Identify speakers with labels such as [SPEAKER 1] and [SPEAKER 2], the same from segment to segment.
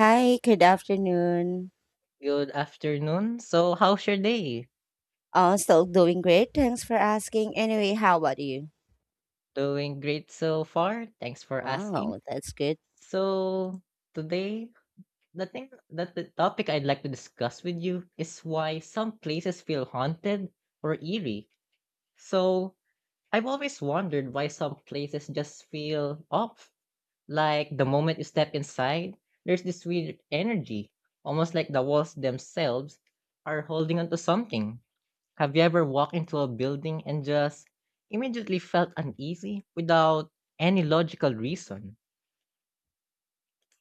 [SPEAKER 1] Hi, good afternoon.
[SPEAKER 2] Good afternoon. So, how's your day?
[SPEAKER 1] Still doing great. Thanks for asking. Anyway, how about you?
[SPEAKER 2] Doing great so far. Thanks for asking.
[SPEAKER 1] Wow, that's good.
[SPEAKER 2] So, Today, the thing that the topic I'd like to discuss with you is why some places feel haunted or eerie. So, I've always wondered why some places just feel off. Like the moment you step inside, there's this weird energy, almost like the walls themselves are holding onto something. Have you ever walked into a building and just immediately felt uneasy without any logical reason?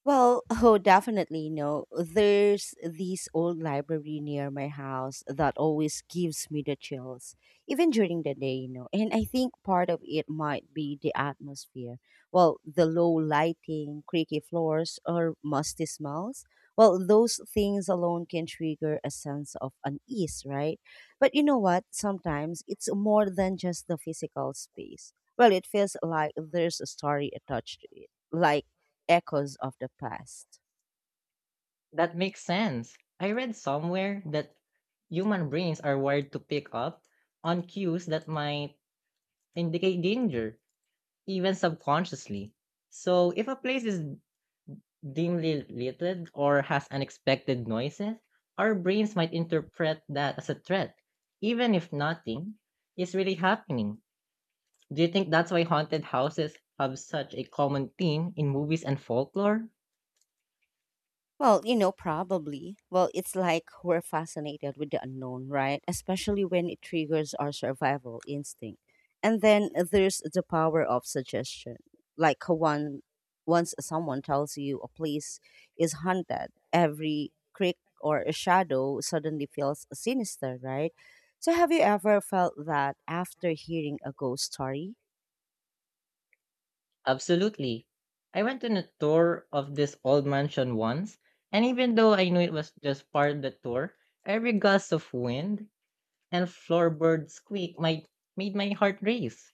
[SPEAKER 1] Well, oh, definitely no. There's this old library near my house that always gives me the chills, even during the day. And I think part of it might be the atmosphere. Well, the low lighting, creaky floors, or musty smells. Well, those things alone can trigger a sense of unease, right? But you know what? Sometimes it's more than just the physical space. Well, it feels like there's a story attached to it. Like, echoes of the past?
[SPEAKER 2] That makes sense. I read somewhere that human brains are wired to pick up on cues that might indicate danger, even subconsciously. So, if a place is dimly lighted or has unexpected noises, our brains might interpret that as a threat, even if nothing is really happening. Do you think that's why haunted houses have such a common theme in movies and folklore?
[SPEAKER 1] Well, probably. Well, it's like we're fascinated with the unknown, right? Especially when it triggers our survival instinct. And then there's the power of suggestion. Like once someone tells you a place is haunted, every creek or a shadow suddenly feels sinister, right? So have you ever felt that after hearing a ghost story?
[SPEAKER 2] Absolutely. I went on a tour of this old mansion once, and even though I knew it was just part of the tour, every gust of wind and floorboard made my heart race.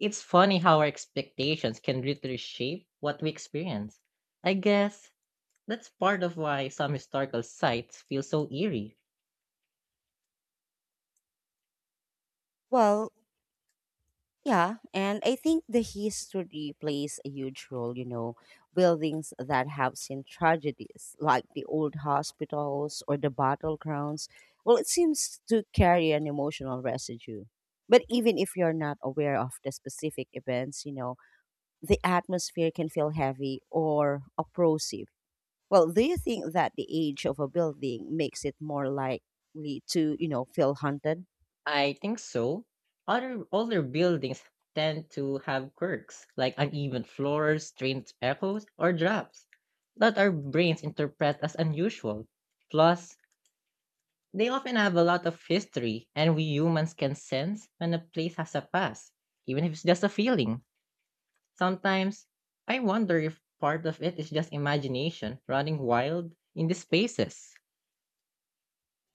[SPEAKER 2] It's funny how our expectations can literally shape what we experience. I guess that's part of why some historical sites feel so eerie.
[SPEAKER 1] Well, yeah, and I think the history plays a huge role, buildings that have seen tragedies like the old hospitals or the battlegrounds. Well, it seems to carry an emotional residue. But even if you're not aware of the specific events, the atmosphere can feel heavy or oppressive. Well, do you think that the age of a building makes it more likely to, feel haunted?
[SPEAKER 2] I think so. Other older buildings tend to have quirks like uneven floors, strange echoes, or drops that our brains interpret as unusual. Plus, they often have a lot of history, and we humans can sense when a place has a past, even if it's just a feeling. Sometimes, I wonder if part of it is just imagination running wild in these spaces.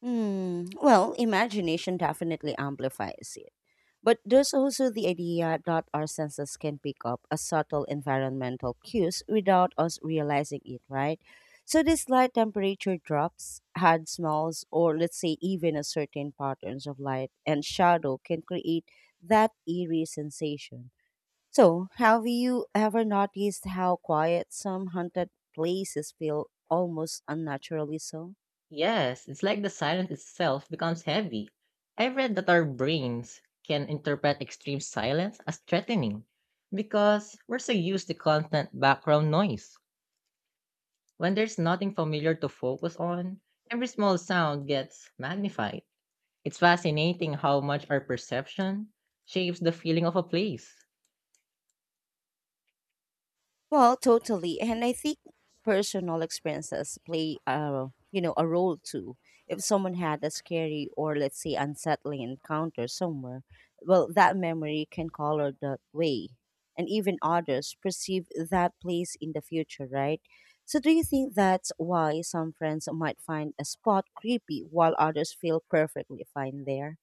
[SPEAKER 1] Hmm. Well, imagination definitely amplifies it. But there's also the idea that our senses can pick up a subtle environmental cues without us realizing it, right? So these slight temperature drops, hard smells, or let's say even a certain patterns of light and shadow can create that eerie sensation. So have you ever noticed how quiet some haunted places feel almost unnaturally so?
[SPEAKER 2] Yes, it's like the silence itself becomes heavy. I read that our brains can interpret extreme silence as threatening because we're so used to constant background noise. When there's nothing familiar to focus on, every small sound gets magnified. It's fascinating how much our perception shapes the feeling of a place.
[SPEAKER 1] Well, totally. And I think personal experiences play a you know a role too. If someone had a scary or let's say unsettling encounter somewhere, well, that memory can color that way, and even others perceive that place in the future, right? So, do you think that's why some friends might find a spot creepy while others feel perfectly fine there?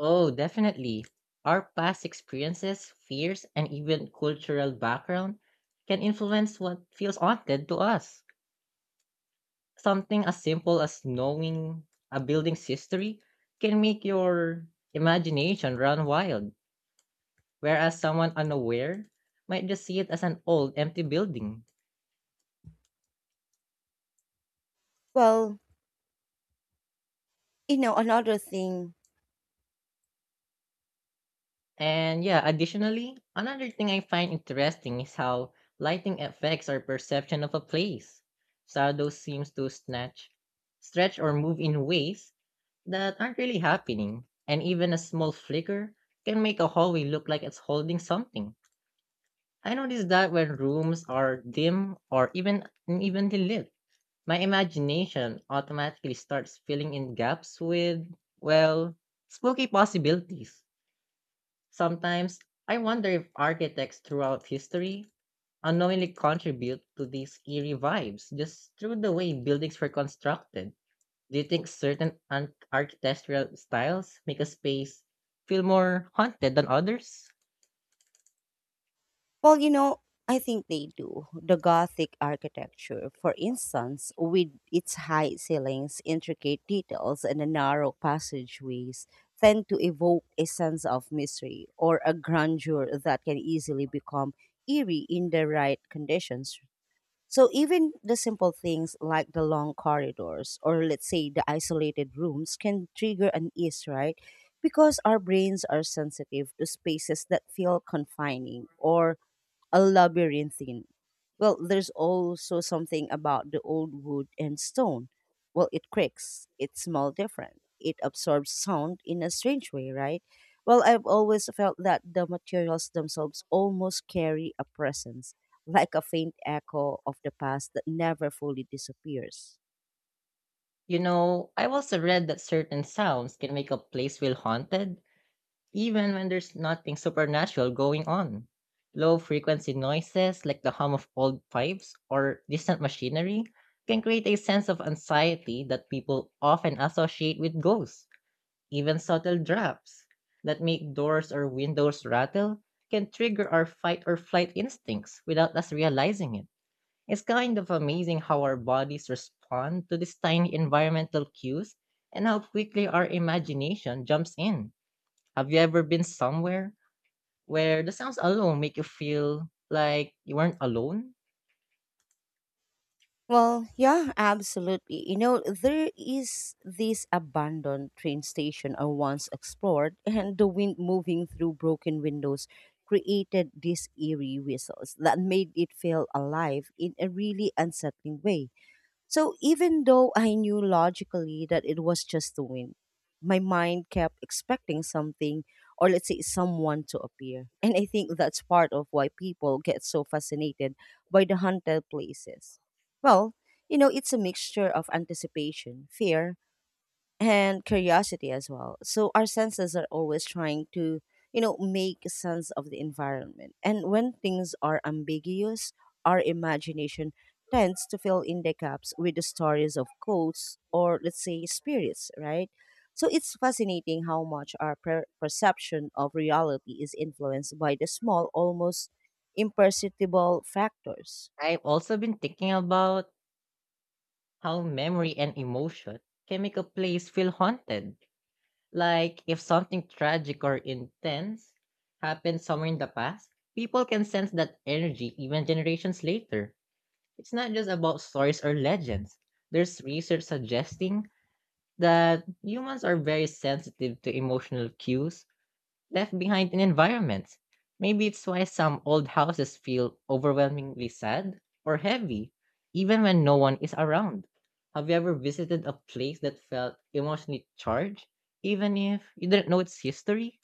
[SPEAKER 2] Oh, definitely. Our past experiences, fears, and even cultural background can influence what feels haunted to us. Something as simple as knowing a building's history can make your imagination run wild, whereas someone unaware might just see it as an old, empty building.
[SPEAKER 1] Well, another thing.
[SPEAKER 2] And yeah, additionally, another thing I find interesting is how lighting affects our perception of a place. Shadow seems to snatch, stretch, or move in ways that aren't really happening, and even a small flicker can make a hallway look like it's holding something. I notice that when rooms are dim or even unevenly lit, my imagination automatically starts filling in gaps with, well, spooky possibilities. Sometimes I wonder if architects throughout history unknowingly contribute to these eerie vibes just through the way buildings were constructed. Do you think certain architectural styles make a space feel more haunted than others?
[SPEAKER 1] Well, I think they do. The Gothic architecture, for instance, with its high ceilings, intricate details, and the narrow passageways, tend to evoke a sense of mystery or a grandeur that can easily become eerie in the right conditions. So, even the simple things like the long corridors or, let's say, the isolated rooms can trigger an ease, right? Because our brains are sensitive to spaces that feel confining or a labyrinthine. Well, there's also something about the old wood and stone. Well, it creaks, it smells different, it absorbs sound in a strange way, right? Well, I've always felt that the materials themselves almost carry a presence, like a faint echo of the past that never fully disappears.
[SPEAKER 2] You know, I've also read that certain sounds can make a place feel haunted, even when there's nothing supernatural going on. Low frequency noises like the hum of old pipes or distant machinery can create a sense of anxiety that people often associate with ghosts. Even subtle drafts that make doors or windows rattle can trigger our fight or flight instincts without us realizing it. It's kind of amazing how our bodies respond to these tiny environmental cues and how quickly our imagination jumps in. Have you ever been somewhere where the sounds alone make you feel like you weren't alone?
[SPEAKER 1] Well, yeah, absolutely. There is this abandoned train station I once explored, and the wind moving through broken windows created these eerie whistles that made it feel alive in a really unsettling way. So even though I knew logically that it was just a win, my mind kept expecting something or let's say someone to appear. And I think that's part of why people get so fascinated by the haunted places. Well, it's a mixture of anticipation, fear, and curiosity as well. So our senses are always trying to, make sense of the environment. And when things are ambiguous, our imagination tends to fill in the gaps with the stories of ghosts or let's say spirits, right? So it's fascinating how much our perception of reality is influenced by the small, almost imperceptible factors.
[SPEAKER 2] I've also been thinking about how memory and emotion can make a place feel haunted. Like if something tragic or intense happened somewhere in the past, people can sense that energy even generations later. It's not just about stories or legends. There's research suggesting that humans are very sensitive to emotional cues left behind in environments. Maybe it's why some old houses feel overwhelmingly sad or heavy, even when no one is around. Have you ever visited a place that felt emotionally charged, even if you didn't know its history?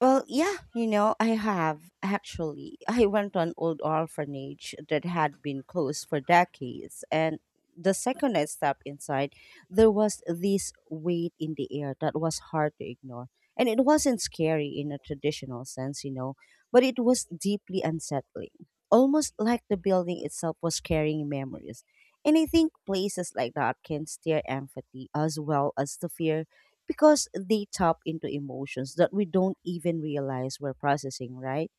[SPEAKER 1] Well, yeah, I have actually. I went to an old orphanage that had been closed for decades, and the second I stepped inside, there was this weight in the air that was hard to ignore. And it wasn't scary in a traditional sense, but it was deeply unsettling. Almost like the building itself was carrying memories. And I think places like that can stir empathy as well as the fear because they tap into emotions that we don't even realize we're processing, right?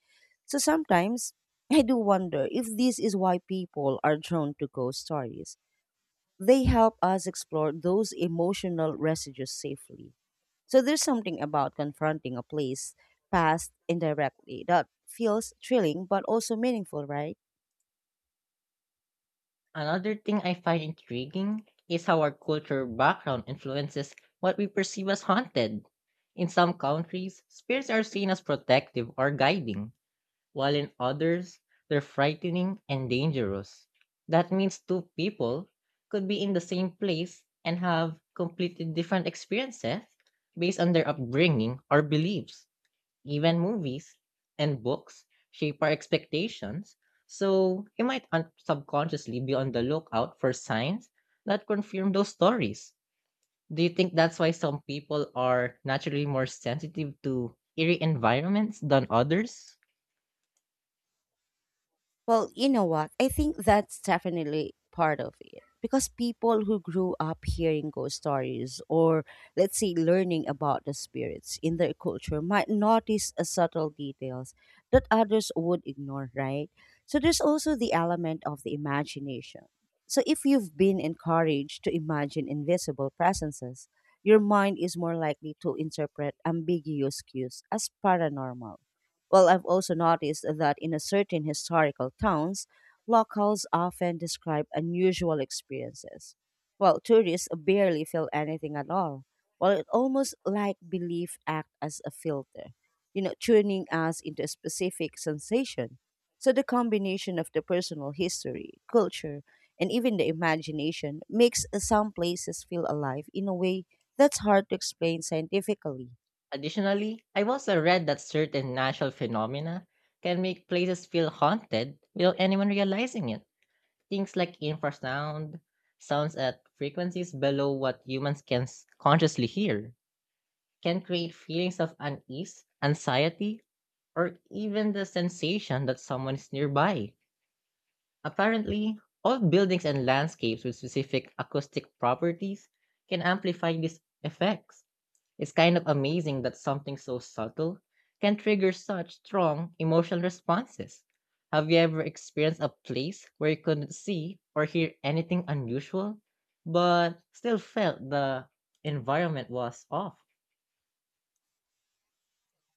[SPEAKER 1] So sometimes I do wonder if this is why people are drawn to ghost stories. They help us explore those emotional residues safely. So there's something about confronting a place past indirectly that feels thrilling but also meaningful, right?
[SPEAKER 2] Another thing I find intriguing is how our cultural background influences what we perceive as haunted. In some countries, spirits are seen as protective or guiding, while in others, they're frightening and dangerous. That means two people could be in the same place and have completely different experiences based on their upbringing or beliefs. Even movies and books shape our expectations, so you might subconsciously be on the lookout for signs that confirm those stories. Do you think that's why some people are naturally more sensitive to eerie environments than others?
[SPEAKER 1] Well, you know what? I think that's definitely part of it. Because people who grew up hearing ghost stories or, let's say, learning about the spirits in their culture might notice a subtle details that others would ignore, right? So there's also the element of the imagination. So if you've been encouraged to imagine invisible presences, your mind is more likely to interpret ambiguous cues as paranormal. Well, I've also noticed that in a certain historical towns, locals often describe unusual experiences. Well, tourists barely feel anything at all. Well, it almost like belief act as a filter, tuning us into a specific sensation. So the combination of the personal history, culture, and even the imagination makes some places feel alive in a way that's hard to explain scientifically.
[SPEAKER 2] Additionally, I've also read that certain natural phenomena can make places feel haunted without anyone realizing it. Things like infrasound, sounds at frequencies below what humans can consciously hear, can create feelings of unease, anxiety, or even the sensation that someone is nearby. Apparently, all buildings and landscapes with specific acoustic properties can amplify these effects. It's kind of amazing that something so subtle can trigger such strong emotional responses. Have you ever experienced a place where you couldn't see or hear anything unusual, but still felt the environment was off?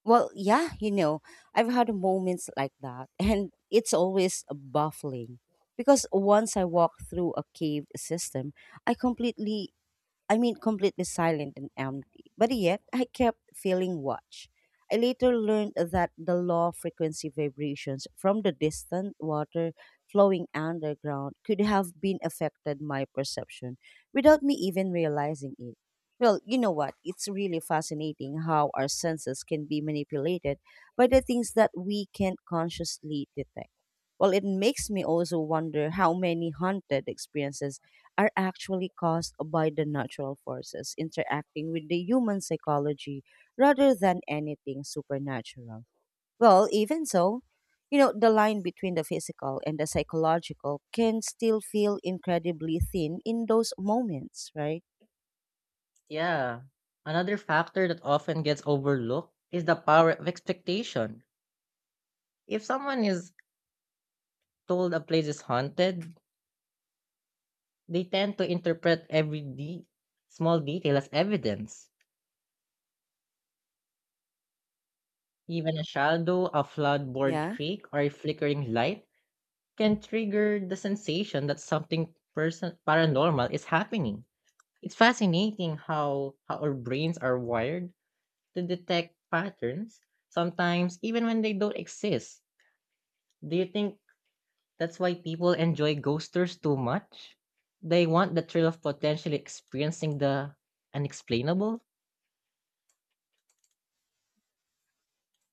[SPEAKER 1] Well, yeah, I've had moments like that, and it's always baffling because once I walked through a caved system, I completely I mean, completely silent and empty. But yet, I kept feeling watched. I later learned that the low frequency vibrations from the distant water flowing underground could have been affected my perception without me even realizing it. Well, you know what? It's really fascinating how our senses can be manipulated by the things that we can't consciously detect. Well, it makes me also wonder how many haunted experiences are actually caused by the natural forces interacting with the human psychology rather than anything supernatural. Well, even so, the line between the physical and the psychological can still feel incredibly thin in those moments, right?
[SPEAKER 2] Yeah. Another factor that often gets overlooked is the power of expectation. If someone is told a place is haunted, they tend to interpret every small detail as evidence. Even a shadow, a floodboard
[SPEAKER 1] Yeah.
[SPEAKER 2] creek, or a flickering light can trigger the sensation that something paranormal is happening. It's fascinating how our brains are wired to detect patterns, sometimes even when they don't exist. Do you think that's why people enjoy ghosters too much. They want the thrill of potentially experiencing the unexplainable.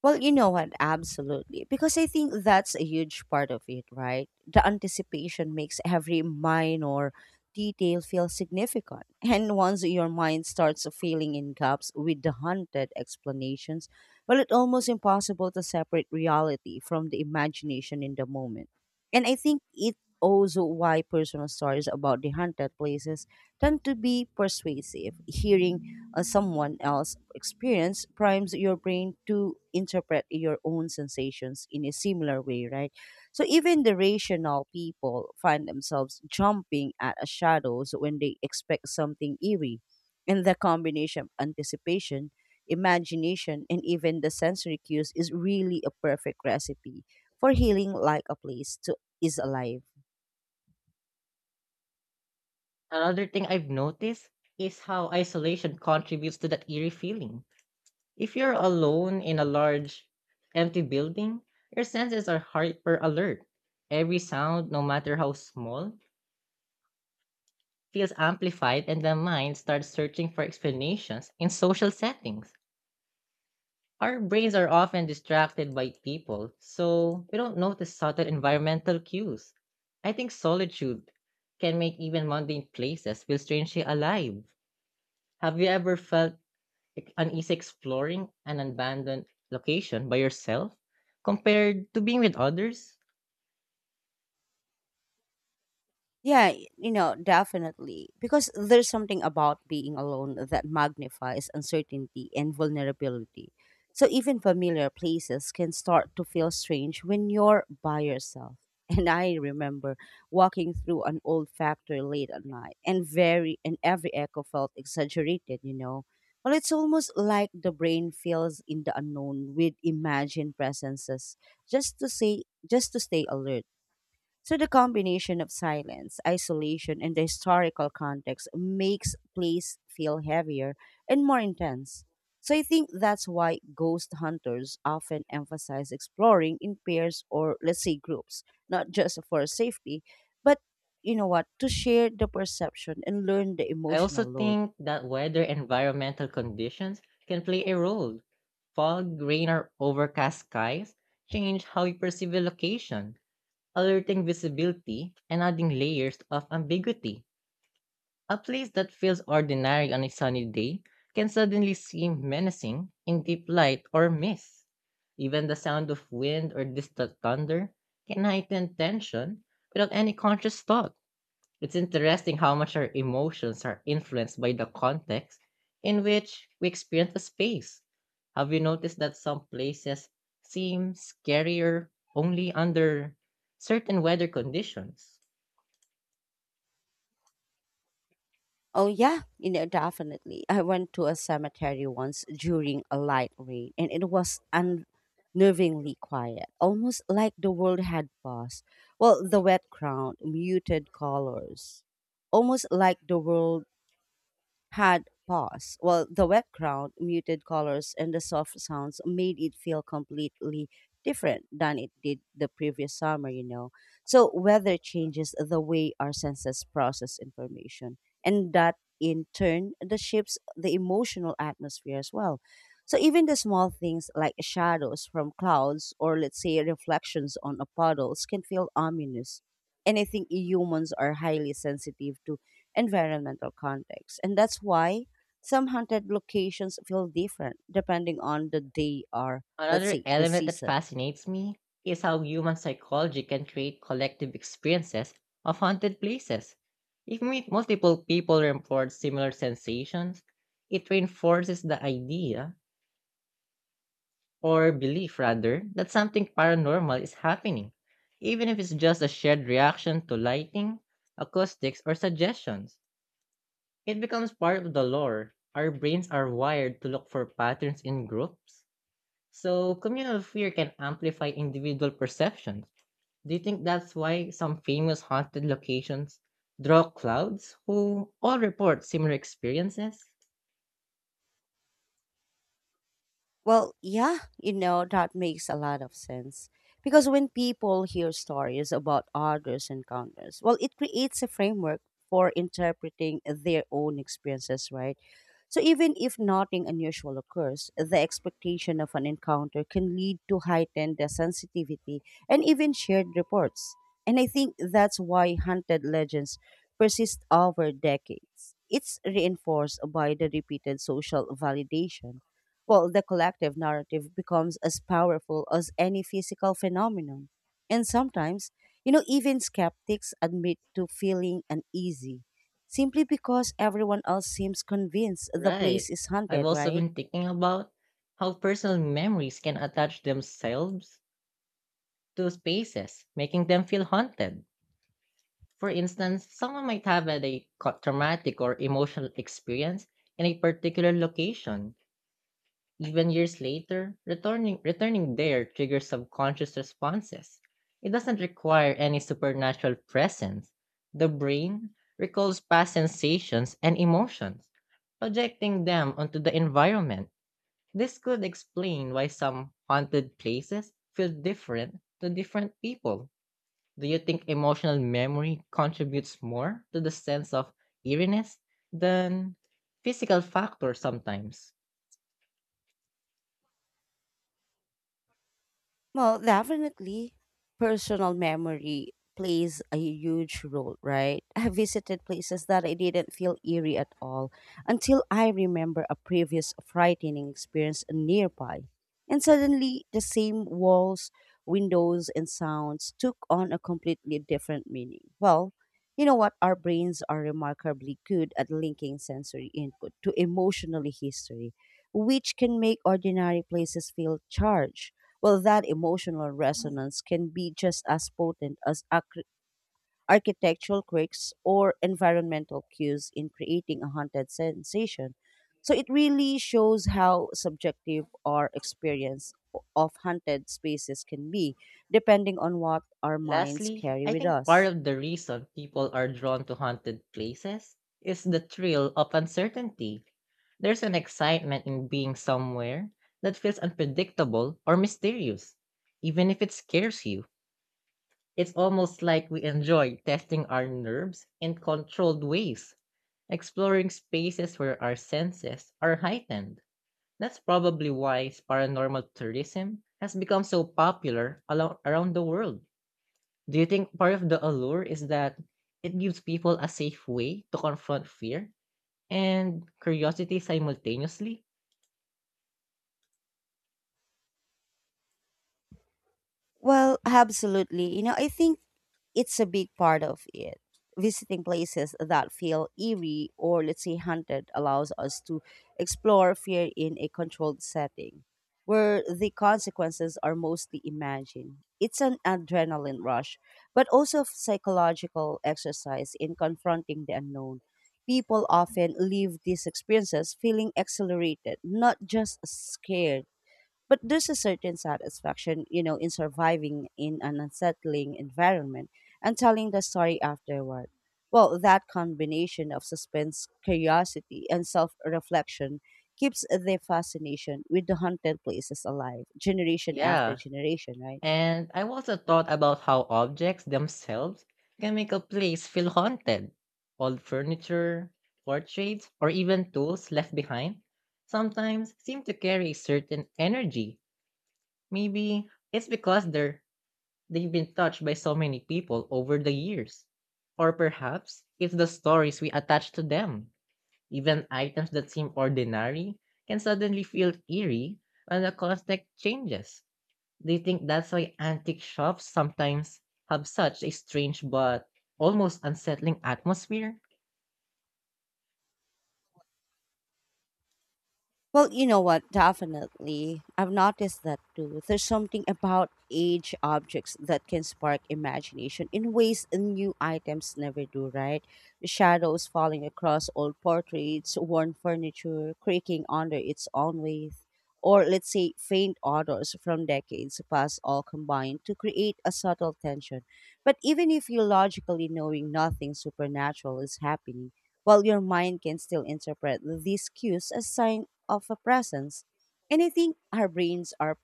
[SPEAKER 1] Well, you know what? Absolutely. Because I think that's a huge part of it, right? The anticipation makes every minor detail feel significant. And once your mind starts filling in gaps with the hunted explanations, well, it's almost impossible to separate reality from the imagination in the moment. And I think it also why personal stories about the haunted places tend to be persuasive. Hearing someone else's experience primes your brain to interpret your own sensations in a similar way, right? So even the rational people find themselves jumping at shadows when they expect something eerie. And the combination of anticipation, imagination, and even the sensory cues is really a perfect recipe for healing like a place to is alive.
[SPEAKER 2] Another thing I've noticed is how isolation contributes to that eerie feeling. If you're alone in a large, empty building, your senses are hyper alert. Every sound, no matter how small, feels amplified, and the mind starts searching for explanations in social settings. Our brains are often distracted by people, so we don't notice subtle environmental cues. I think solitude can make even mundane places feel strangely alive. Have you ever felt uneasy exploring an abandoned location by yourself compared to being with others?
[SPEAKER 1] Yeah, you know, definitely. Because there's something about being alone that magnifies uncertainty and vulnerability. So even familiar places can start to feel strange when you're by yourself. And I remember walking through an old factory late at night and every echo felt exaggerated. Well, it's almost like the brain fills in the unknown with imagined presences just to stay alert so the combination of silence, isolation, and the historical context makes place feel heavier and more intense. So I think that's why ghost hunters often emphasize exploring in pairs or let's say groups, not just for safety, but you know what, to share the perception and learn the
[SPEAKER 2] I also
[SPEAKER 1] emotional load.
[SPEAKER 2] think that weather and environmental conditions can play a role. Fog, rain, or overcast skies change how you perceive a location alerting visibility and adding layers of ambiguity. A place that feels ordinary on a sunny day can suddenly seem menacing in deep light or mist. Even the sound of wind or distant thunder can heighten tension without any conscious thought. It's interesting how much our emotions are influenced by the context in which we experience a space. Have you noticed that some places seem scarier only under certain weather conditions?
[SPEAKER 1] Oh yeah, definitely. I went to a cemetery once during a light rain and it was unnervingly quiet, almost like the world had paused. Well, the wet ground, muted colors, almost like the world had paused, while the wet ground, muted colors, and the soft sounds made it feel completely different than it did the previous summer. So, weather changes the way our senses process information, and that in turn the shapes the emotional atmosphere as well. So, even the small things like shadows from clouds or, let's say, reflections on a puddles can feel ominous. And I think humans are highly sensitive to environmental context. And that's why some haunted locations feel different depending on the day or, let's
[SPEAKER 2] Another
[SPEAKER 1] say, the
[SPEAKER 2] element that
[SPEAKER 1] season.
[SPEAKER 2] fascinates me is how human psychology can create collective experiences of haunted places. If multiple people report similar sensations, it reinforces the idea or belief rather, that something paranormal is happening, even if it's just a shared reaction to lighting, acoustics, or suggestions. It becomes part of the lore. Our brains are wired to look for patterns in groups, so communal fear can amplify individual perceptions. Do you think that's why some famous haunted locations draw crowds who all report similar experiences?
[SPEAKER 1] Well, yeah, that makes a lot of sense. Because when people hear stories about others' encounters, well, it creates a framework for interpreting their own experiences, right? So even if nothing unusual occurs, the expectation of an encounter can lead to heightened sensitivity and even shared reports. And I think that's why haunted legends persist over decades. It's reinforced by the repeated social validation. Well, the collective narrative becomes as powerful as any physical phenomenon. And sometimes, even skeptics admit to feeling uneasy simply because everyone else seems convinced the
[SPEAKER 2] Right.
[SPEAKER 1] place is
[SPEAKER 2] I've
[SPEAKER 1] haunted,
[SPEAKER 2] also
[SPEAKER 1] right?
[SPEAKER 2] been thinking about how personal memories can attach themselves to spaces, making them feel haunted. For instance, someone might have had a traumatic or emotional experience in a particular location. Even years later, returning there triggers subconscious responses. It doesn't require any supernatural presence. The brain recalls past sensations and emotions, projecting them onto the environment. This could explain why some haunted places feel different to different people. Do you think emotional memory contributes more to the sense of eeriness than physical factors sometimes?
[SPEAKER 1] Well, definitely, personal memory plays a huge role, right? I visited places that I didn't feel eerie at all until I remember a previous frightening experience nearby. And suddenly, the same walls, windows, and sounds took on a completely different meaning. Well, you know what? Our brains are remarkably good at linking sensory input to emotional history, which can make ordinary places feel charged. Well, that emotional resonance can be just as potent as architectural quirks or environmental cues in creating a haunted sensation. So it really shows how subjective our experience of haunted spaces can be, depending on what our minds
[SPEAKER 2] Lastly,
[SPEAKER 1] carry
[SPEAKER 2] I
[SPEAKER 1] with
[SPEAKER 2] think part
[SPEAKER 1] us.
[SPEAKER 2] of the reason people are drawn to haunted places is the thrill of uncertainty. There's an excitement in being somewhere that feels unpredictable or mysterious, even if it scares you. It's almost like we enjoy testing our nerves in controlled ways, exploring spaces where our senses are heightened. That's probably why paranormal tourism has become so popular around the world. Do you think part of the allure is that it gives people a safe way to confront fear and curiosity simultaneously?
[SPEAKER 1] Well, absolutely. You know, I think it's a big part of it. Visiting places that feel eerie or, let's say, haunted allows us to explore fear in a controlled setting where the consequences are mostly imagined. It's an adrenaline rush, but also a psychological exercise in confronting the unknown. People often leave these experiences feeling exhilarated, not just scared, but there's a certain satisfaction, you know, in surviving in an unsettling environment and telling the story afterward. Well, that combination of suspense, curiosity, and self reflection keeps the fascination with the haunted places alive, generation after
[SPEAKER 2] Yeah,
[SPEAKER 1] generation, right?
[SPEAKER 2] and I've also thought about how objects themselves can make a place feel haunted. Old furniture, portraits, or even tools left behind sometimes seem to carry a certain energy. Maybe it's because they've been touched by so many people over the years. Or perhaps it's the stories we attach to them. Even items that seem ordinary can suddenly feel eerie when the context changes. Do you think that's why antique shops sometimes have such a strange but almost unsettling atmosphere?
[SPEAKER 1] Well, you know what? Definitely. I've noticed that too. There's something about aged objects that can spark imagination in ways new items never do, right? The shadows falling across old portraits, worn furniture, creaking under its own weight, or let's say faint odors from decades past all combined to create a subtle tension. But even if you logically knowing nothing supernatural is happening, while your mind can still interpret these cues as signs of a presence. And I think our brains are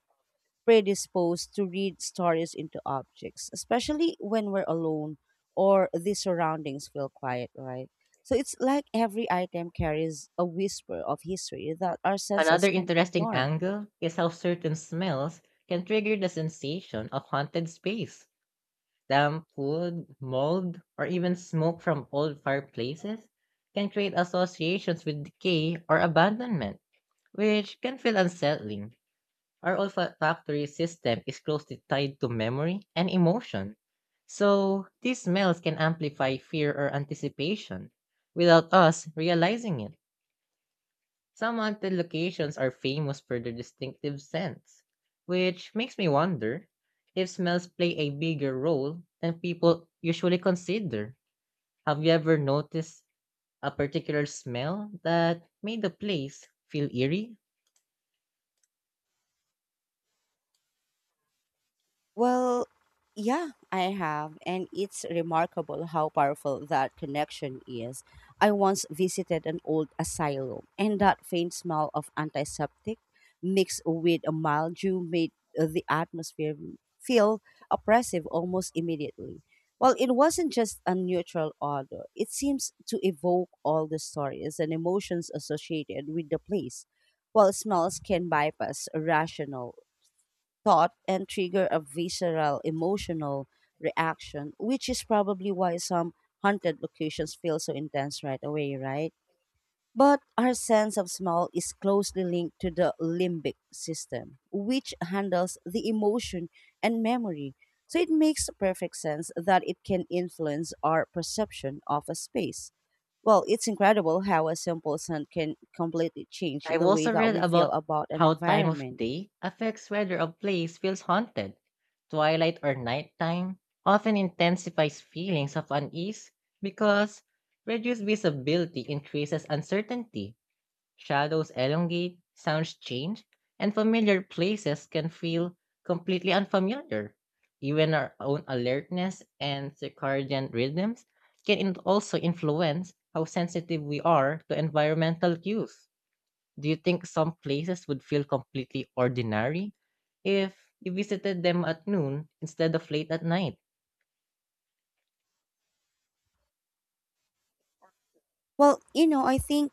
[SPEAKER 1] predisposed to read stories into objects, especially when we're alone or the surroundings feel quiet, right? So it's like every item carries a whisper of history that our
[SPEAKER 2] Another
[SPEAKER 1] senses can
[SPEAKER 2] interesting
[SPEAKER 1] ignore.
[SPEAKER 2] angle is how certain smells can trigger the sensation of haunted space. Damp wood, mold, or even smoke from old fireplaces can create associations with decay or abandonment, which can feel unsettling. Our olfactory system is closely tied to memory and emotion. So, these smells can amplify fear or anticipation without us realizing it. Some haunted locations are famous for their distinctive scents, which makes me wonder if smells play a bigger role than people usually consider. Have you ever noticed a particular smell that made the place feel eerie?
[SPEAKER 1] Well, yeah, I have, and it's remarkable how powerful that connection is. I once visited an old asylum, and that faint smell of antiseptic mixed with a mildew made the atmosphere feel oppressive almost immediately. Well, it wasn't just a neutral odor, it seems to evoke all the stories and emotions associated with the place. While smells can bypass rational thought and trigger a visceral emotional reaction, which is probably why some haunted locations feel so intense right away, right? But our sense of smell is closely linked to the limbic system, which handles the emotion and memory. So it makes perfect sense that it can influence our perception of a space. Well, it's incredible how a simple scent can completely change
[SPEAKER 2] I've
[SPEAKER 1] the way
[SPEAKER 2] also
[SPEAKER 1] that
[SPEAKER 2] read
[SPEAKER 1] we feel
[SPEAKER 2] about
[SPEAKER 1] about an
[SPEAKER 2] how time of
[SPEAKER 1] environment.
[SPEAKER 2] day affects whether a place feels haunted. Twilight or nighttime often intensifies feelings of unease because reduced visibility increases uncertainty. Shadows elongate, sounds change, and familiar places can feel completely unfamiliar. Even our own alertness and circadian rhythms can also influence how sensitive we are to environmental cues. Do you think some places would feel completely ordinary if you visited them at noon instead of late at night?
[SPEAKER 1] Well, you know, I think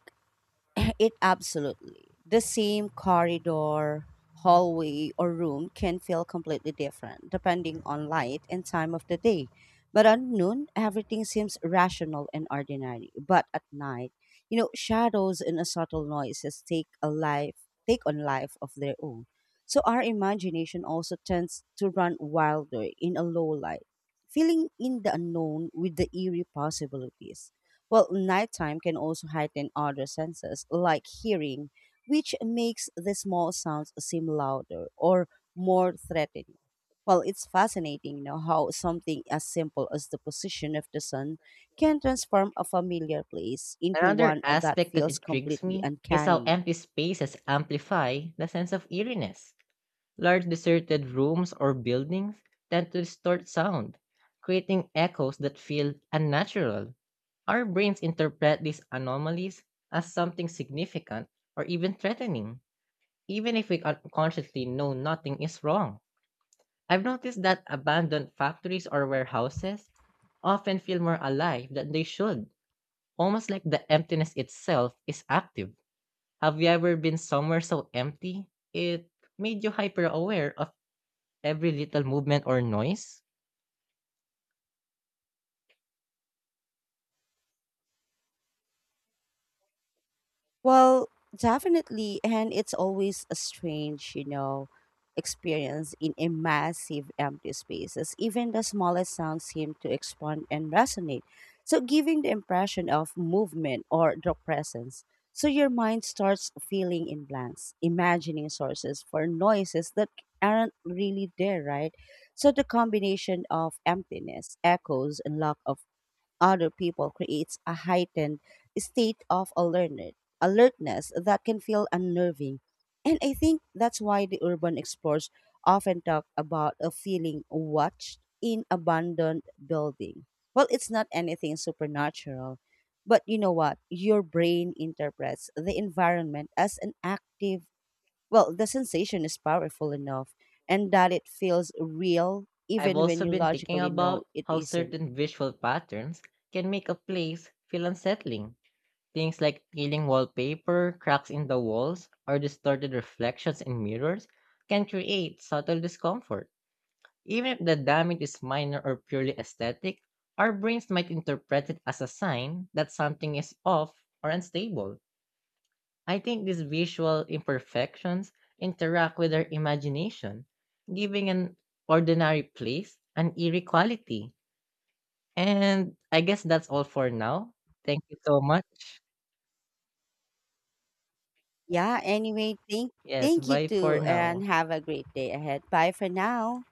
[SPEAKER 1] it absolutely. The same corridor, hallway, or room can feel completely different depending on light and time of the day. But at noon, everything seems rational and ordinary. But at night, you know, shadows and subtle noises take a life, take on life of their own. So our imagination also tends to run wilder in a low light, filling in the unknown with the eerie possibilities. Well, nighttime can also heighten other senses, like hearing, which makes the small sounds seem louder or more threatening. Well, it's fascinating, you know, how something as simple as the position of the sun can transform a familiar place into
[SPEAKER 2] Another
[SPEAKER 1] one that
[SPEAKER 2] aspect that
[SPEAKER 1] feels
[SPEAKER 2] intrigues
[SPEAKER 1] completely
[SPEAKER 2] me is how
[SPEAKER 1] uncanny.
[SPEAKER 2] empty spaces amplify the sense of eeriness. Large deserted rooms or buildings tend to distort sound, creating echoes that feel unnatural. Our brains interpret these anomalies as something significant or even threatening, even if we unconsciously know nothing is wrong. I've noticed that abandoned factories or warehouses often feel more alive than they should, almost like the emptiness itself is active. Have you ever been somewhere so empty? It made you hyper aware of every little movement or noise.
[SPEAKER 1] Well, definitely. And it's always a strange, you know, experience in a massive empty spaces. Even the smallest sounds seem to expand and resonate. So giving the impression of movement or the presence. So your mind starts filling in blanks, imagining sources for noises that aren't really there, right? So the combination of emptiness, echoes, and lack of other people creates a heightened state of alertness that can feel unnerving. And I think that's why the urban explorers often talk about a feeling watched in abandoned building. Well, it's not anything supernatural, but you know what? Your brain interprets the environment as an active, well, the sensation is powerful enough and that it feels real
[SPEAKER 2] I've
[SPEAKER 1] even when
[SPEAKER 2] also
[SPEAKER 1] you
[SPEAKER 2] been thinking
[SPEAKER 1] logically know
[SPEAKER 2] about
[SPEAKER 1] it
[SPEAKER 2] how
[SPEAKER 1] isn't.
[SPEAKER 2] certain visual patterns can make a place feel unsettling. Things like peeling wallpaper, cracks in the walls, or distorted reflections in mirrors can create subtle discomfort. Even if the damage is minor or purely aesthetic, our brains might interpret it as a sign that something is off or unstable. I think these visual imperfections interact with our imagination, giving an ordinary place an eerie quality. And I guess that's all for now. Thank you so much.
[SPEAKER 1] Yeah, anyway,
[SPEAKER 2] Yes,
[SPEAKER 1] thank you
[SPEAKER 2] bye for
[SPEAKER 1] too and
[SPEAKER 2] now.
[SPEAKER 1] have a great day ahead. Bye for now.